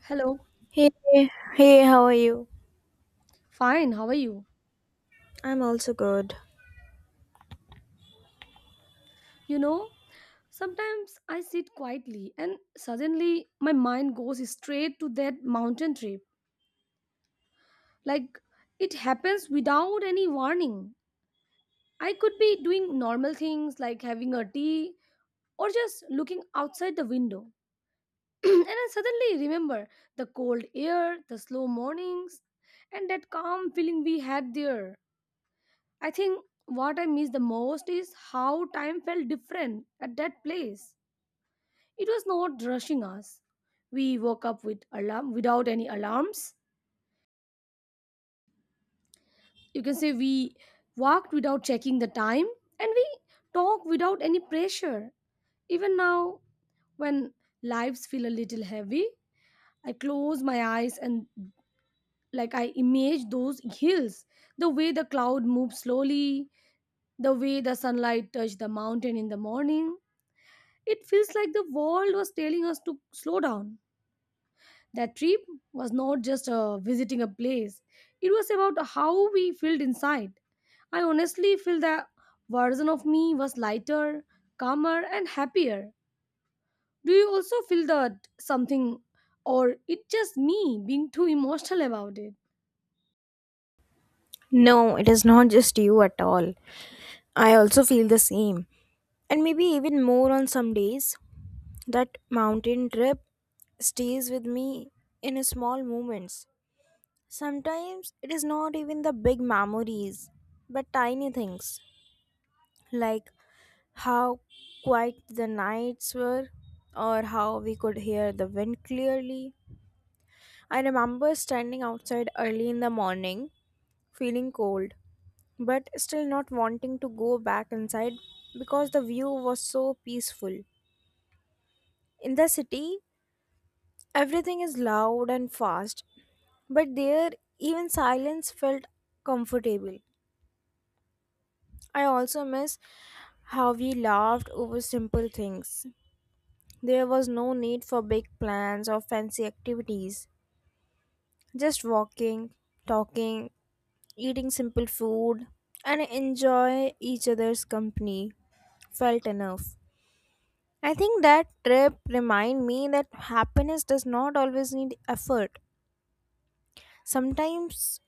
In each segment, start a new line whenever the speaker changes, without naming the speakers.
Hello.
Hey, hey, how are you?
Fine, how are you?
I'm also good.
You know, sometimes I sit quietly and suddenly my mind goes straight to that mountain trip. Like, it happens without any warning. I could be doing normal things like having a tea or just looking outside the window. And I suddenly remember the cold air, the slow mornings, and that calm feeling we had there. I think what I miss the most is how time felt different at that place. It was not rushing us. We woke up with alarm without any alarms. You can say we walked without checking the time and we talked without any pressure. Even now when lives feel a little heavy, I close my eyes and I image those hills, the way the cloud moves slowly, the way the sunlight touched the mountain in the morning. It feels like the world was telling us to slow down. That trip was not just visiting a place, it was about how we felt inside. I honestly feel that version of me was lighter, calmer, and happier. Do you also feel that something, or it just me being too emotional about it?
No, it is not just you at all. I also feel the same. And maybe even more on some days. That mountain trip stays with me in a small moments. Sometimes it is not even the big memories, but tiny things. Like how quiet the nights were, or how we could hear the wind clearly. I remember standing outside early in the morning, feeling cold but still not wanting to go back inside because the view was so peaceful. In the city, everything is loud and fast, but there even silence felt comfortable. I also miss how we laughed over simple things. There was no need for big plans or fancy activities. Just walking, talking, eating simple food, and enjoy each other's company felt enough. I think that trip remind me that happiness does not always need effort. Sometimes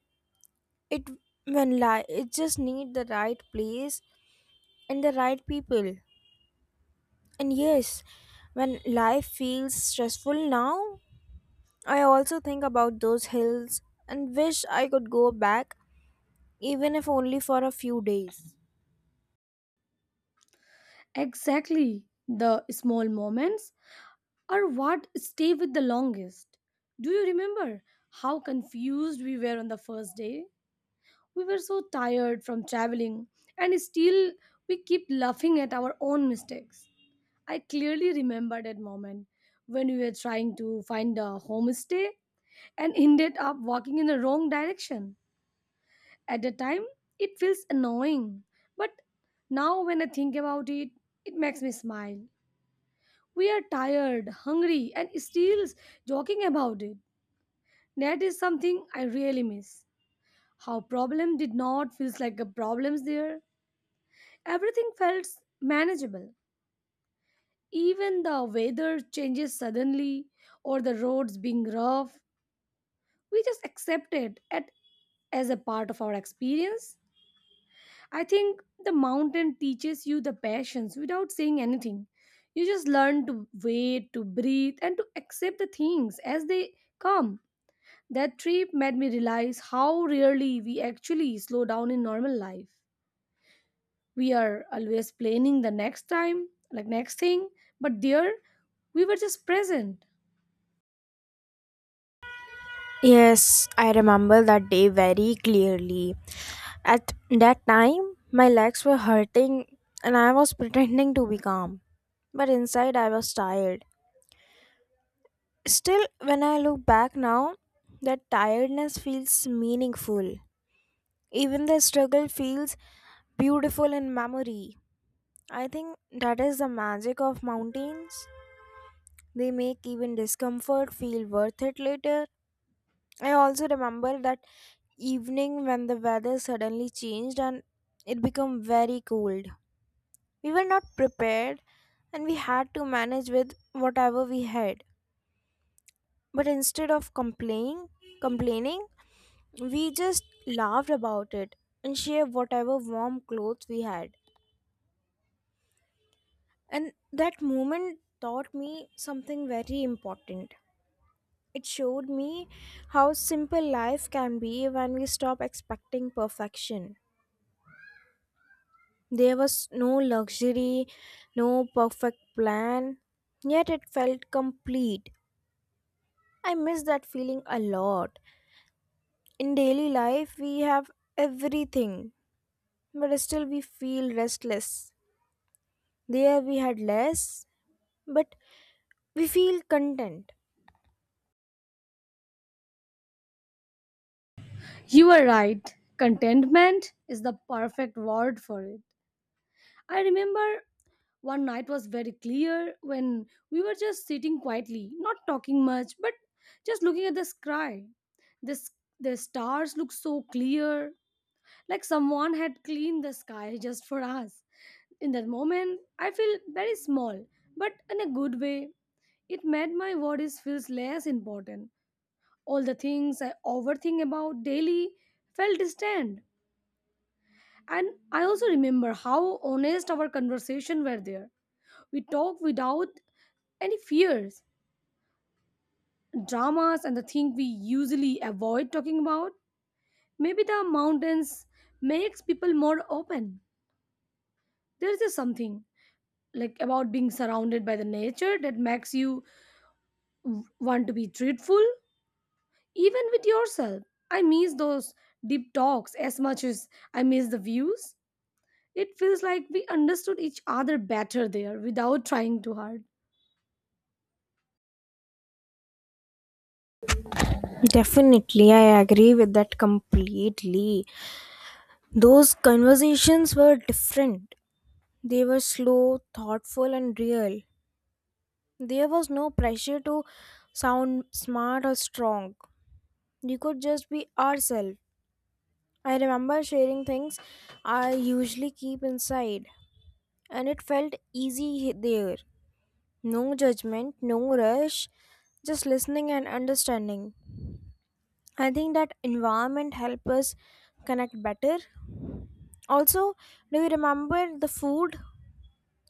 it when lie it just need the right place and the right people. And yes, when life feels stressful now, I also think about those hills and wish I could go back even if only for a few days.
Exactly. The small moments are what stay with the longest. Do you remember how confused we were on the first day? We were so tired from traveling, and still we kept laughing at our own mistakes. I clearly remember that moment when we were trying to find a homestay and ended up walking in the wrong direction. At the time, it feels annoying, but now when I think about it, it makes me smile. We are tired, hungry, and still joking about it. That is something I really miss. How problem did not feels like a problems there. Everything felt manageable. Even the weather changes suddenly or the roads being rough, we just accepted it as a part of our experience. I think the mountain teaches you the patience without saying anything. You just learn to wait, to breathe, and to accept the things as they come. That trip made me realize how rarely we actually slow down in normal life. We are always planning the next time like next thing, but there we were just present.
Yes, I remember that day very clearly. At that time, my legs were hurting and I was pretending to be calm. But inside, I was tired. Still, when I look back now, that tiredness feels meaningful. Even the struggle feels beautiful in memory. I think that is the magic of mountains. They make even discomfort feel worth it later. I also remember that evening when the weather suddenly changed and it became very cold. We were not prepared and we had to manage with whatever we had. But instead of complaining, we just laughed about it and shared whatever warm clothes we had. And that moment taught me something very important. It showed me how simple life can be when we stop expecting perfection. There was no luxury, no perfect plan, yet it felt complete. I miss that feeling a lot. In daily life, we have everything, but still we feel restless. There we had less, but we feel content.
You are right, contentment is the perfect word for it. I remember one night was very clear when we were just sitting quietly, not talking much, but just looking at the sky. This the stars looked so clear, like someone had cleaned the sky just for us. In that moment I feel very small, but in a good way. It made my worries feels less important. All the things I overthink about daily felt distant. And I also remember how honest our conversation were there. We talked without any fears, dramas and the thing we usually avoid talking about. Maybe the mountains makes people more open. There is just something about being surrounded by the nature that makes you want to be truthful. Even with yourself, I miss those deep talks as much as I miss the views. It feels like we understood each other better there without trying too hard.
Definitely, I agree with that completely. Those conversations were different. They were slow, thoughtful, and real. There was no pressure to sound smart or strong. We could just be ourselves. I remember sharing things I usually keep inside, and it felt easy there. No judgment, no rush, just listening and understanding. I think that environment helped us connect better. Also, do you remember the food?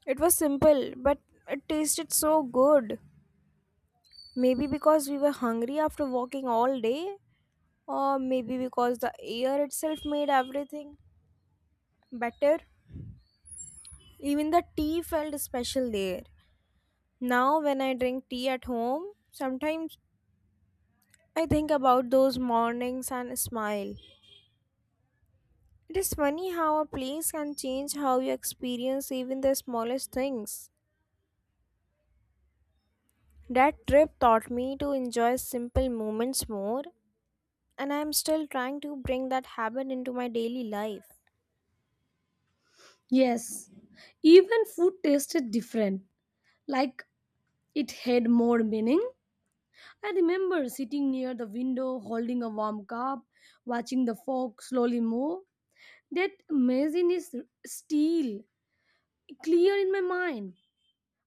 It was simple, but it tasted so good. Maybe because we were hungry after walking all day. Or maybe because the air itself made everything better. Even the tea felt special there. Now, when I drink tea at home, sometimes I think about those mornings and smile. It is funny how a place can change how you experience even the smallest things. That trip taught me to enjoy simple moments more, and I am still trying to bring that habit into my daily life.
Yes, even food tasted different, like it had more meaning. I remember sitting near the window holding a warm cup, watching the fog slowly move. That imagine is still clear in my mind.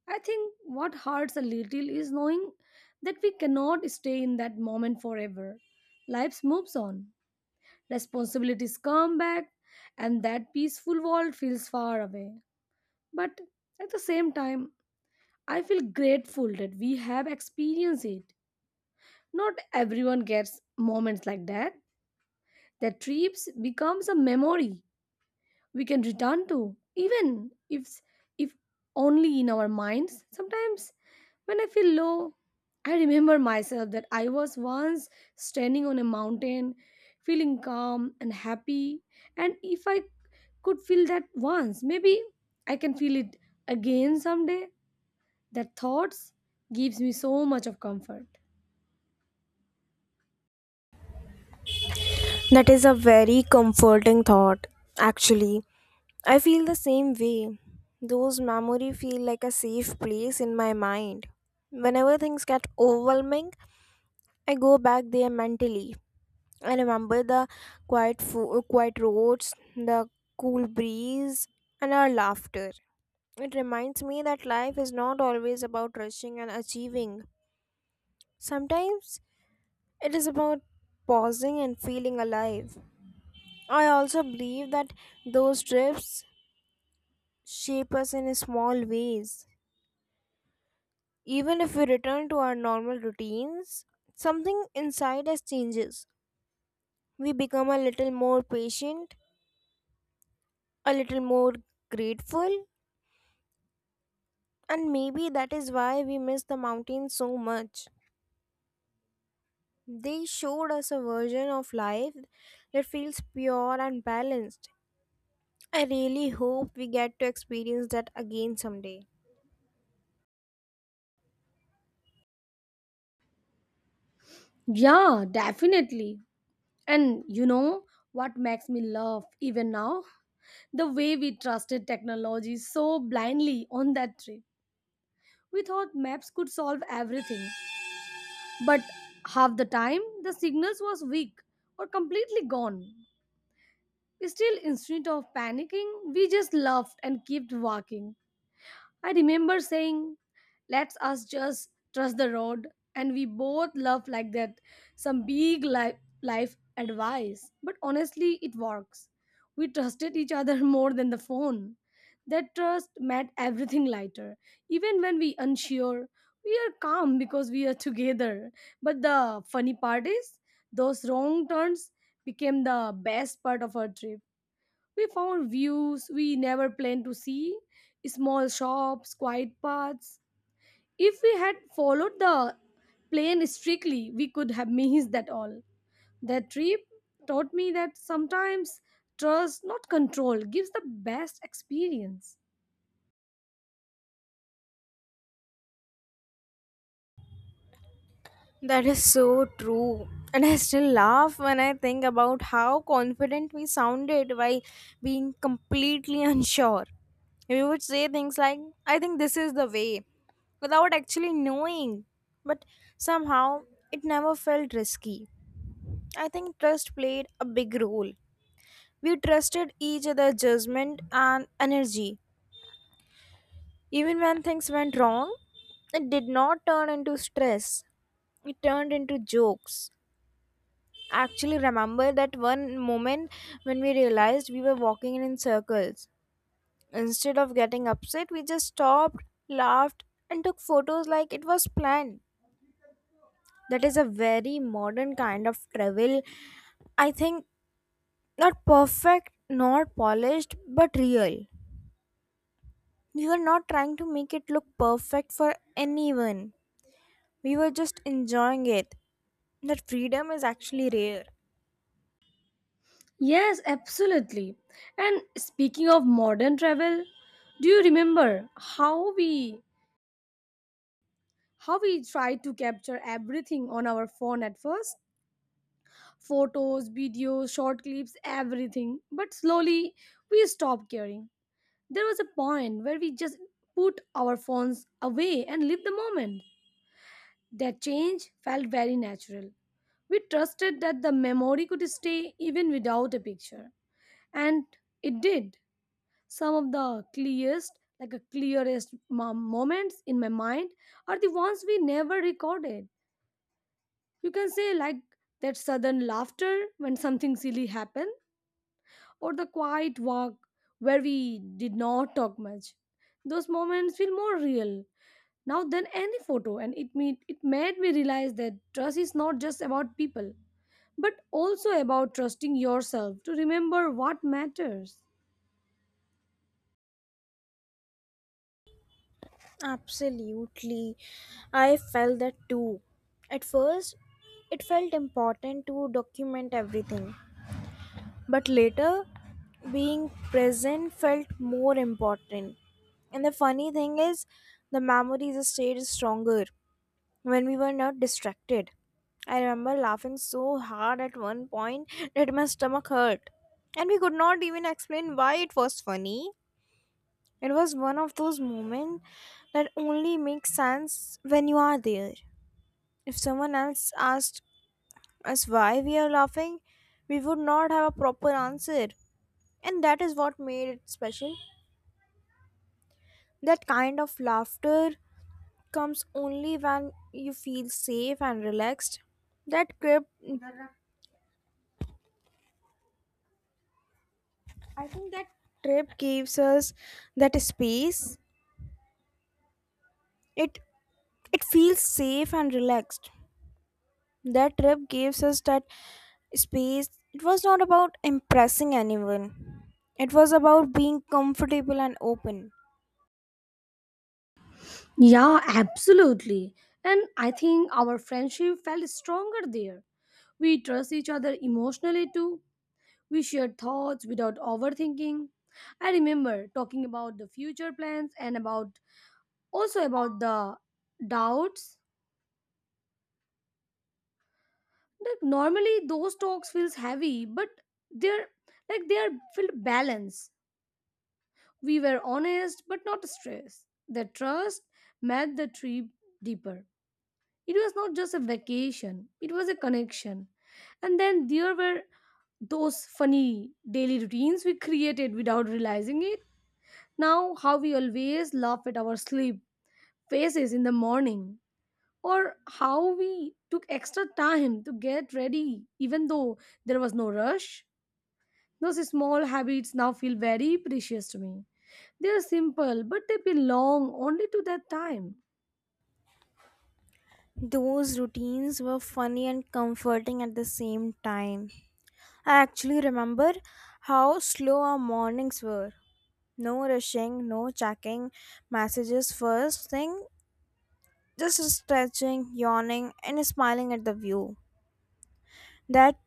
I think what hurts a little is knowing that we cannot stay in that moment forever. Life moves on, responsibilities come back, and that peaceful world feels far away. But at the same time, I feel grateful that we have experienced it. Not everyone gets moments like that. That trips becomes a memory we can return to even if only in our minds. Sometimes when I feel low, I remember myself that I was once standing on a mountain, feeling calm and happy, and if I could feel that once, maybe I can feel it again someday. That thoughts gives me so much of comfort.
That is a very comforting thought, actually. I feel the same way. Those memories feel like a safe place in my mind. Whenever things get overwhelming, I go back there mentally. I remember the quiet roads, the cool breeze, and our laughter. It reminds me that life is not always about rushing and achieving. Sometimes it is about pausing and feeling alive. I also believe that those trips shape us in small ways. Even if we return to our normal routines, something inside us changes. We become a little more patient, a little more grateful, and maybe that is why we miss the mountains so much. They showed us a version of life that feels pure and balanced. I really hope we get to experience that again someday.
Yeah, definitely. And you know what makes me laugh even now, the way we trusted technology so blindly on that trip. We thought maps could solve everything, but half the time the signals was weak or completely gone. Still, instead of panicking, we just laughed and kept walking. I remember saying, "Let's us just trust the road." And we both love like that some big life advice. But honestly, it works. We trusted each other more than the phone. That trust made everything lighter. Even when we unsure, we are calm because we are together. But the funny part is those wrong turns became the best part of our trip. We found views we never planned to see, small shops, quiet paths. If we had followed the plan strictly, we could have missed that all. That trip taught me that sometimes trust, not control, gives the best experience.
That is so true. And I still laugh when I think about how confident we sounded while being completely unsure. We would say things like, I think this is the way, without actually knowing. But somehow, it never felt risky. I think trust played a big role. We trusted each other's judgment and energy. Even when things went wrong, it did not turn into stress, it turned into jokes. Actually remember that one moment when we realized we were walking in circles. Instead of getting upset, we just stopped, laughed, and took photos like it was planned. That is a very modern kind of travel. I think not perfect, not polished, but real. We were not trying to make it look perfect for anyone. We were just enjoying it. That freedom is actually rare.
Yes, absolutely. And speaking of modern travel, do you remember how we tried to capture everything on our phone at first? Photos, videos, short clips, everything. But slowly we stopped caring. There was a point where we just put our phones away and lived the moment. That change felt very natural. We trusted that the memory could stay even without a picture. And it did. Some of the clearest, the clearest moments in my mind are the ones we never recorded. You can say that sudden laughter when something silly happened or the quiet walk where we did not talk much. Those moments feel more real now than any photo, and it made me realize that trust is not just about people, but also about trusting yourself to remember what matters.
Absolutely. I felt that too. At first, it felt important to document everything, but later, being present felt more important. And the funny thing is, the memories stayed stronger when we were not distracted. I remember laughing so hard at one point that my stomach hurt, and we could not even explain why it was funny. It was one of those moments that only makes sense when you are there. If someone else asked us why we are laughing, we would not have a proper answer. And that is what made it special. That kind of laughter comes only when you feel safe and relaxed. That trip, I think that trip gives us that space. It it feels safe and relaxed. That trip gives us that space. It was not about impressing anyone, it was about being comfortable and open.
Yeah, absolutely. And I think our friendship felt stronger there. We trust each other emotionally too. We shared thoughts without overthinking. I remember talking about the future plans and about also about the doubts. Like normally those talks feels heavy, but they're they are filled balance. We were honest but not stressed. The trust met the trip deeper. It was not just a vacation, it was a connection. And then there were those funny daily routines we created without realizing it. Now how we always laugh at our sleep faces in the morning, or how we took extra time to get ready even though there was no rush. Those small habits now feel very precious to me. They are simple, but they belong only to that time.
Those routines were funny and comforting at the same time. I actually remember how slow our mornings were. No rushing, no checking messages first thing, just stretching, yawning, and smiling at the view. That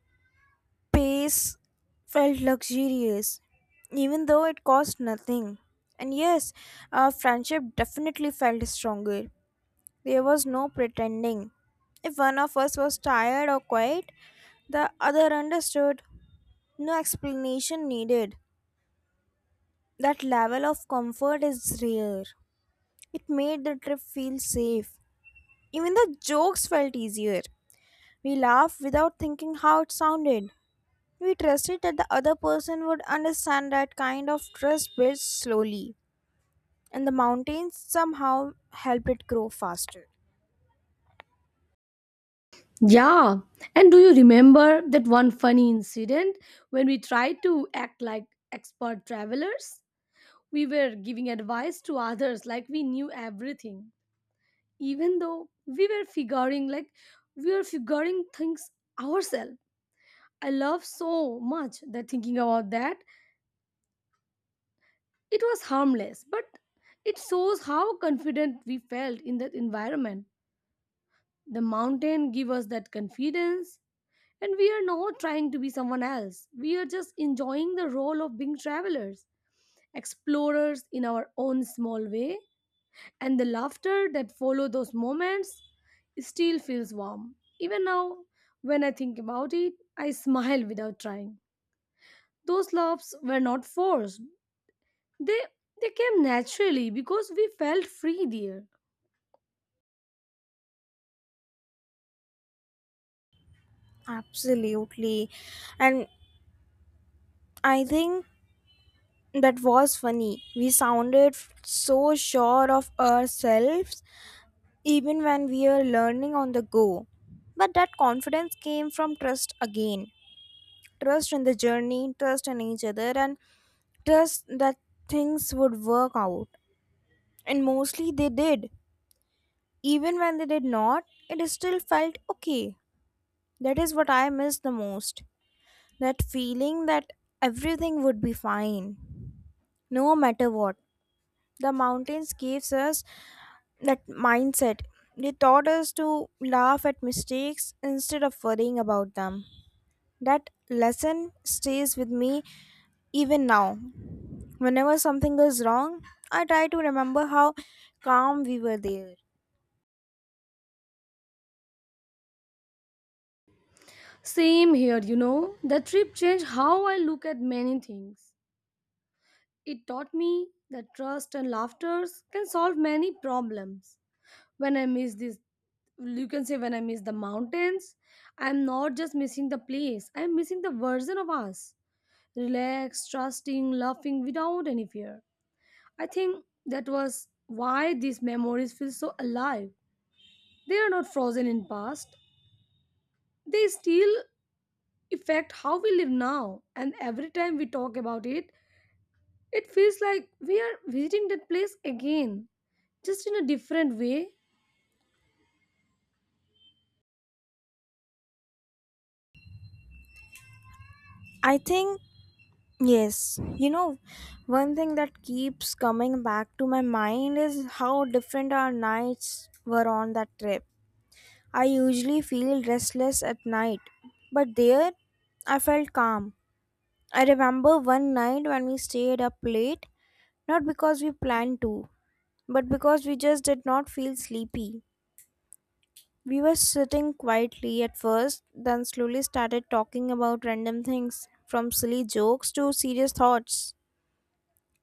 space felt luxurious, even though it cost nothing. And yes, our friendship definitely felt stronger. There was no pretending. If one of us was tired or quiet, the other understood. No explanation needed. That level of comfort is rare. It made the trip feel safe. Even the jokes felt easier. We laughed without thinking how it sounded. We trusted that the other person would understand that kind of trust builds slowly, and the mountains somehow help it grow faster.
Yeah, and do you remember that one funny incident when we tried to act like expert travelers? We were giving advice to others like we knew everything, even though we were figuring things ourselves. I love so much that thinking about that. It was harmless, but it shows how confident we felt in that environment. The mountain gave us that confidence, and we are not trying to be someone else. We are just enjoying the role of being travelers, explorers in our own small way, and the laughter that follow those moments still feels warm. Even now, when I think about it, I smile without trying. Those laughs were not forced. They they came naturally because we felt free there.
Absolutely. And I think that was funny. We sounded so sure of ourselves even when we were learning on the go. But that confidence came from trust again, trust in the journey, trust in each other, and trust that things would work out. And mostly they did. Even when they did not, it still felt okay. That is what I miss the most. That feeling that everything would be fine, no matter what. The mountains gives us that mindset. They taught us to laugh at mistakes instead of worrying about them. That lesson stays with me even now. Whenever something goes wrong, I try to remember how calm we were there.
Same here, you know. The trip changed how I look at many things. It taught me that trust and laughter can solve many problems. When I miss this, you can say when I miss the mountains, I'm not just missing the place, I'm missing the version of us. Relaxed, trusting, laughing without any fear. I think that was why these memories feel so alive. They are not frozen in past. They still affect how we live now. And every time we talk about it, it feels like we are visiting that place again, just in a different way.
I think. Yes, you know, one thing that keeps coming back to my mind is how different our nights were on that trip. I usually feel restless at night, but there I felt calm. I remember one night when we stayed up late, not because we planned to, but because we just did not feel sleepy. We were sitting quietly at first, then slowly started talking about random things, from silly jokes to serious thoughts.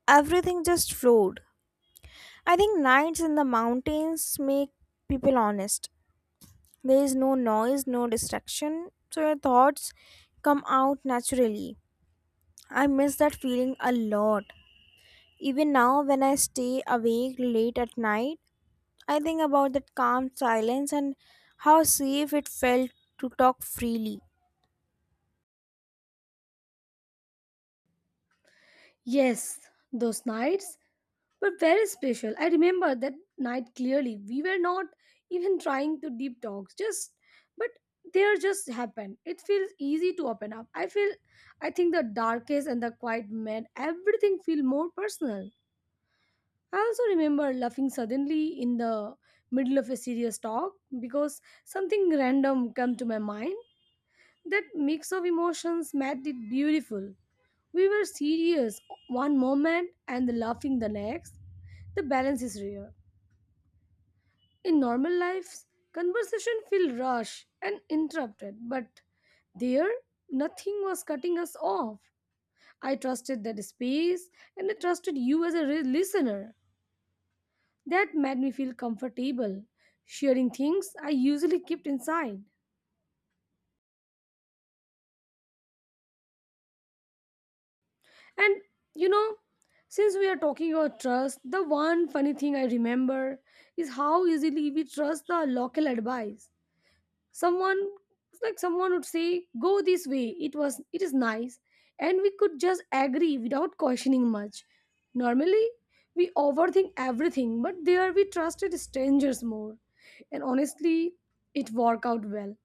Everything just flowed. I think nights in the mountains make people honest. There is no noise, no distraction, so your thoughts come out naturally. I miss that feeling a lot. Even now, when I stay awake late at night, I think about that calm silence and how safe it felt to talk freely.
Yes, those nights were very special. I remember that night clearly. We were not even trying to deep talks, just but there just happened. It feels easy to open up. I think the darkest and the quiet made everything feel more personal. I also remember laughing suddenly in the middle of a serious talk because something random came to my mind. That mix of emotions made it beautiful. We were serious one moment and laughing the next. The balance is rare. In normal lives, conversation feel rushed and interrupted, but there nothing was cutting us off. I trusted that space and I trusted you as a listener. That made me feel comfortable sharing things I usually kept inside. And you know, since we are talking about trust, the one funny thing I remember is how easily we trust the local advice. Someone it's like someone would say go this way, it was it is nice, and we could just agree without questioning much. Normally we overthink everything, but there we trusted strangers more. And honestly, it worked out well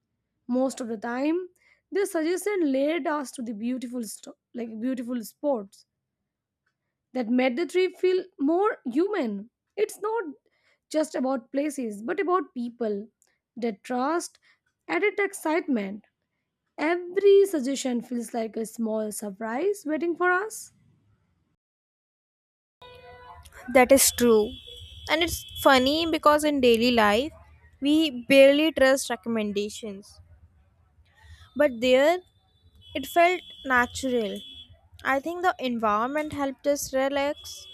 most of the time. Their suggestion led us to the beautiful sto- like beautiful spots that made the trip feel more human. It's not just about places, but about people. The trust added excitement. Every suggestion feels like a small surprise waiting for us.
That is true. And it's funny because in daily life, we barely trust recommendations. But there, it felt natural. I think the environment helped us relax.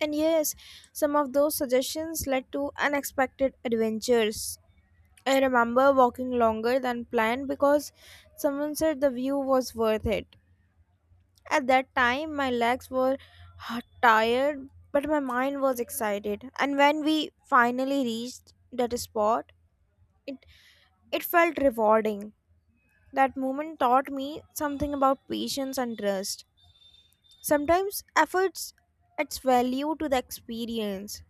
And yes, some of those suggestions led to unexpected adventures. I remember walking longer than planned because someone said the view was worth it. At that time, my legs were tired, but my mind was excited. And when we finally reached that spot, it, it felt rewarding. That moment taught me something about patience and trust. Sometimes efforts adds value to the experience,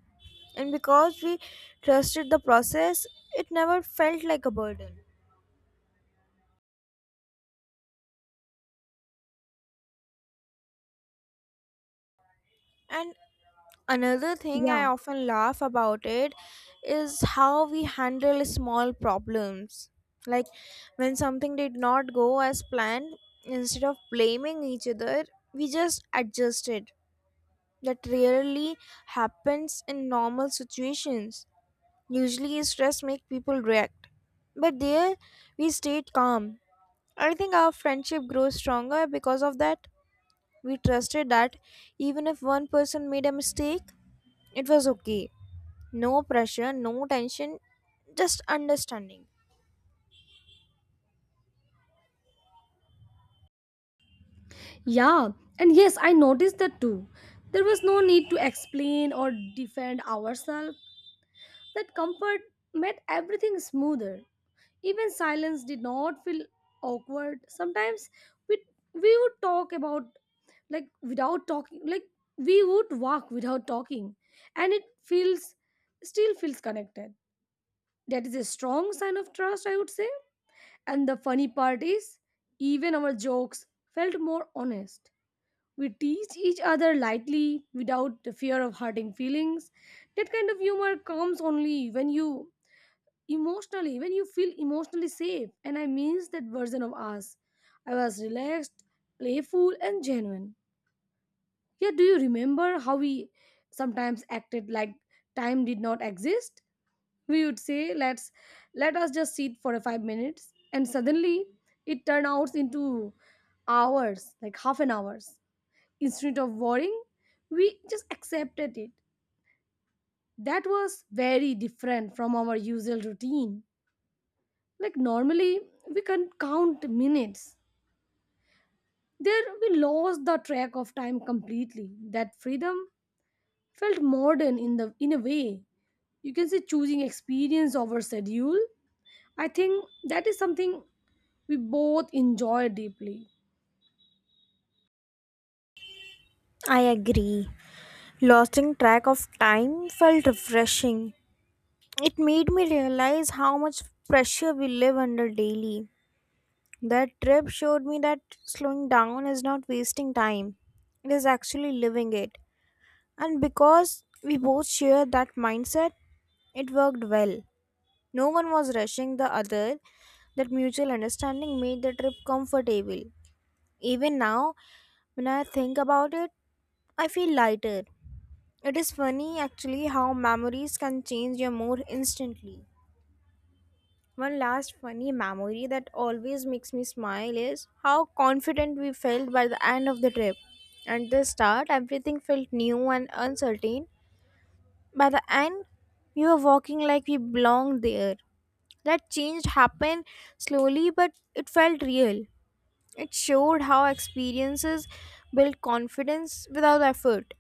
and because we trusted the process, it never felt like a burden. And another thing I
Yeah,
often laugh about it is how we handle small problems. Like when something did not go as planned, instead of blaming each other, we just adjusted. That rarely happens in normal situations. Usually, stress makes people react, but there we stayed calm. I think our friendship grows stronger because of that. We trusted that even if one person made a mistake, it was okay. No pressure, no tension, just understanding.
yeah, and yes, I noticed that too. There was no need to explain or defend ourselves. That comfort made everything smoother. Even silence did not feel awkward. Sometimes we we would talk about like without talking like we would walk without talking, and it feels still feels connected. That is a strong sign of trust I would say. And the funny part is even our jokes felt more honest. We teased each other lightly without the fear of hurting feelings. That kind of humor comes only when you feel emotionally safe. And I miss that version of us. I was relaxed, playful and genuine. Yeah, do you remember how we sometimes acted like time did not exist? We would say let us just sit for 5 minutes, and suddenly it turned out into hours, like half an hours. Instead of worrying, we just accepted it. That was very different from our usual routine. Like normally, we can count minutes. There, we lost the track of time completely. That freedom felt modern in a way. You can say choosing experience over schedule. I think that is something we both enjoy deeply.
I agree. Losing track of time felt refreshing. It made me realize how much pressure we live under daily. That trip showed me that slowing down is not wasting time, it is actually living it. And because we both shared that mindset, it worked well. No one was rushing the other. That mutual understanding made the trip comfortable. Even now, when I think about it, I feel lighter. It is funny actually how memories can change your mood instantly. One last funny memory that always makes me smile is how confident we felt by the end of the trip. At the start, everything felt new and uncertain. By the end, we were walking like we belonged there. That change happened slowly, but it felt real. It showed how experiences build confidence without effort.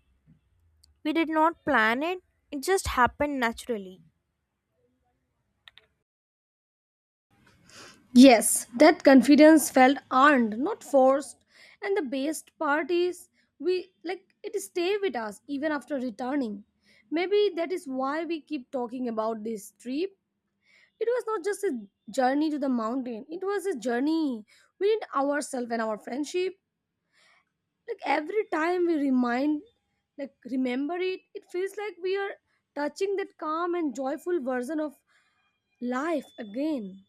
We did not plan it, it just happened naturally.
Yes, that confidence felt earned, not forced. And the best part is we like it stay with us even after returning. Maybe that is why we keep talking about this trip. It was not just a journey to the mountain, it was a journey within ourselves and our friendship. Like every time we remind, like remember it, it feels like we are touching that calm and joyful version of life again.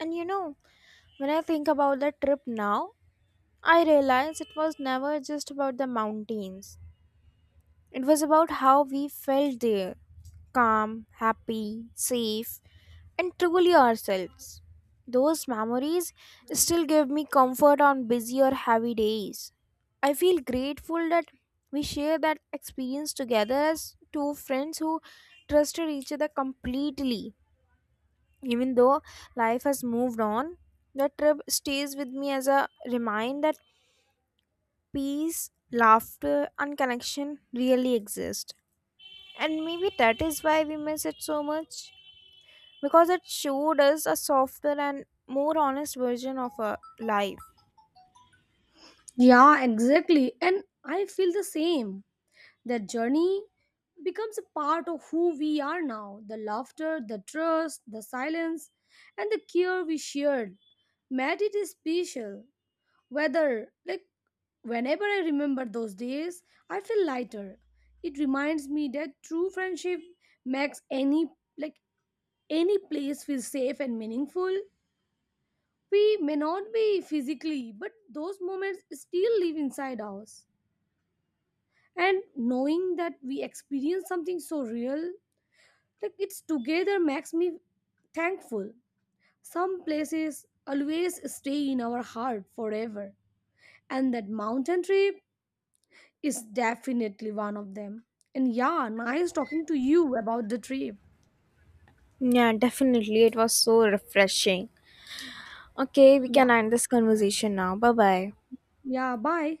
And you know, when I think about that trip now, I realized it was never just about the mountains. It was about how we felt there, calm, happy, safe, and truly ourselves. Those memories still give me comfort on busy or heavy days. I feel grateful that we share that experience together as two friends who trusted each other completely. Even though life has moved on, that trip stays with me as a reminder peace, laughter, and connection really exist. And maybe that is why we miss it so much because it showed us a softer and more honest version of our life.
Yeah, exactly. And I feel the same. That journey becomes a part of who we are now, the laughter, the trust, the silence, and the care we shared made it special. Weather, like Whenever I remember those days, I feel lighter. It reminds me that true friendship makes like any place feel safe and meaningful. We may not be physically, but those moments still live inside us. And knowing that we experience something so real, it's together makes me thankful. Some places always stay in our heart forever. And that mountain trip is definitely one of them. And yeah, nice talking to you about the trip.
Yeah, definitely. It was so refreshing. Okay, we
Yeah,
can end this conversation now. Bye bye.
yeah, bye.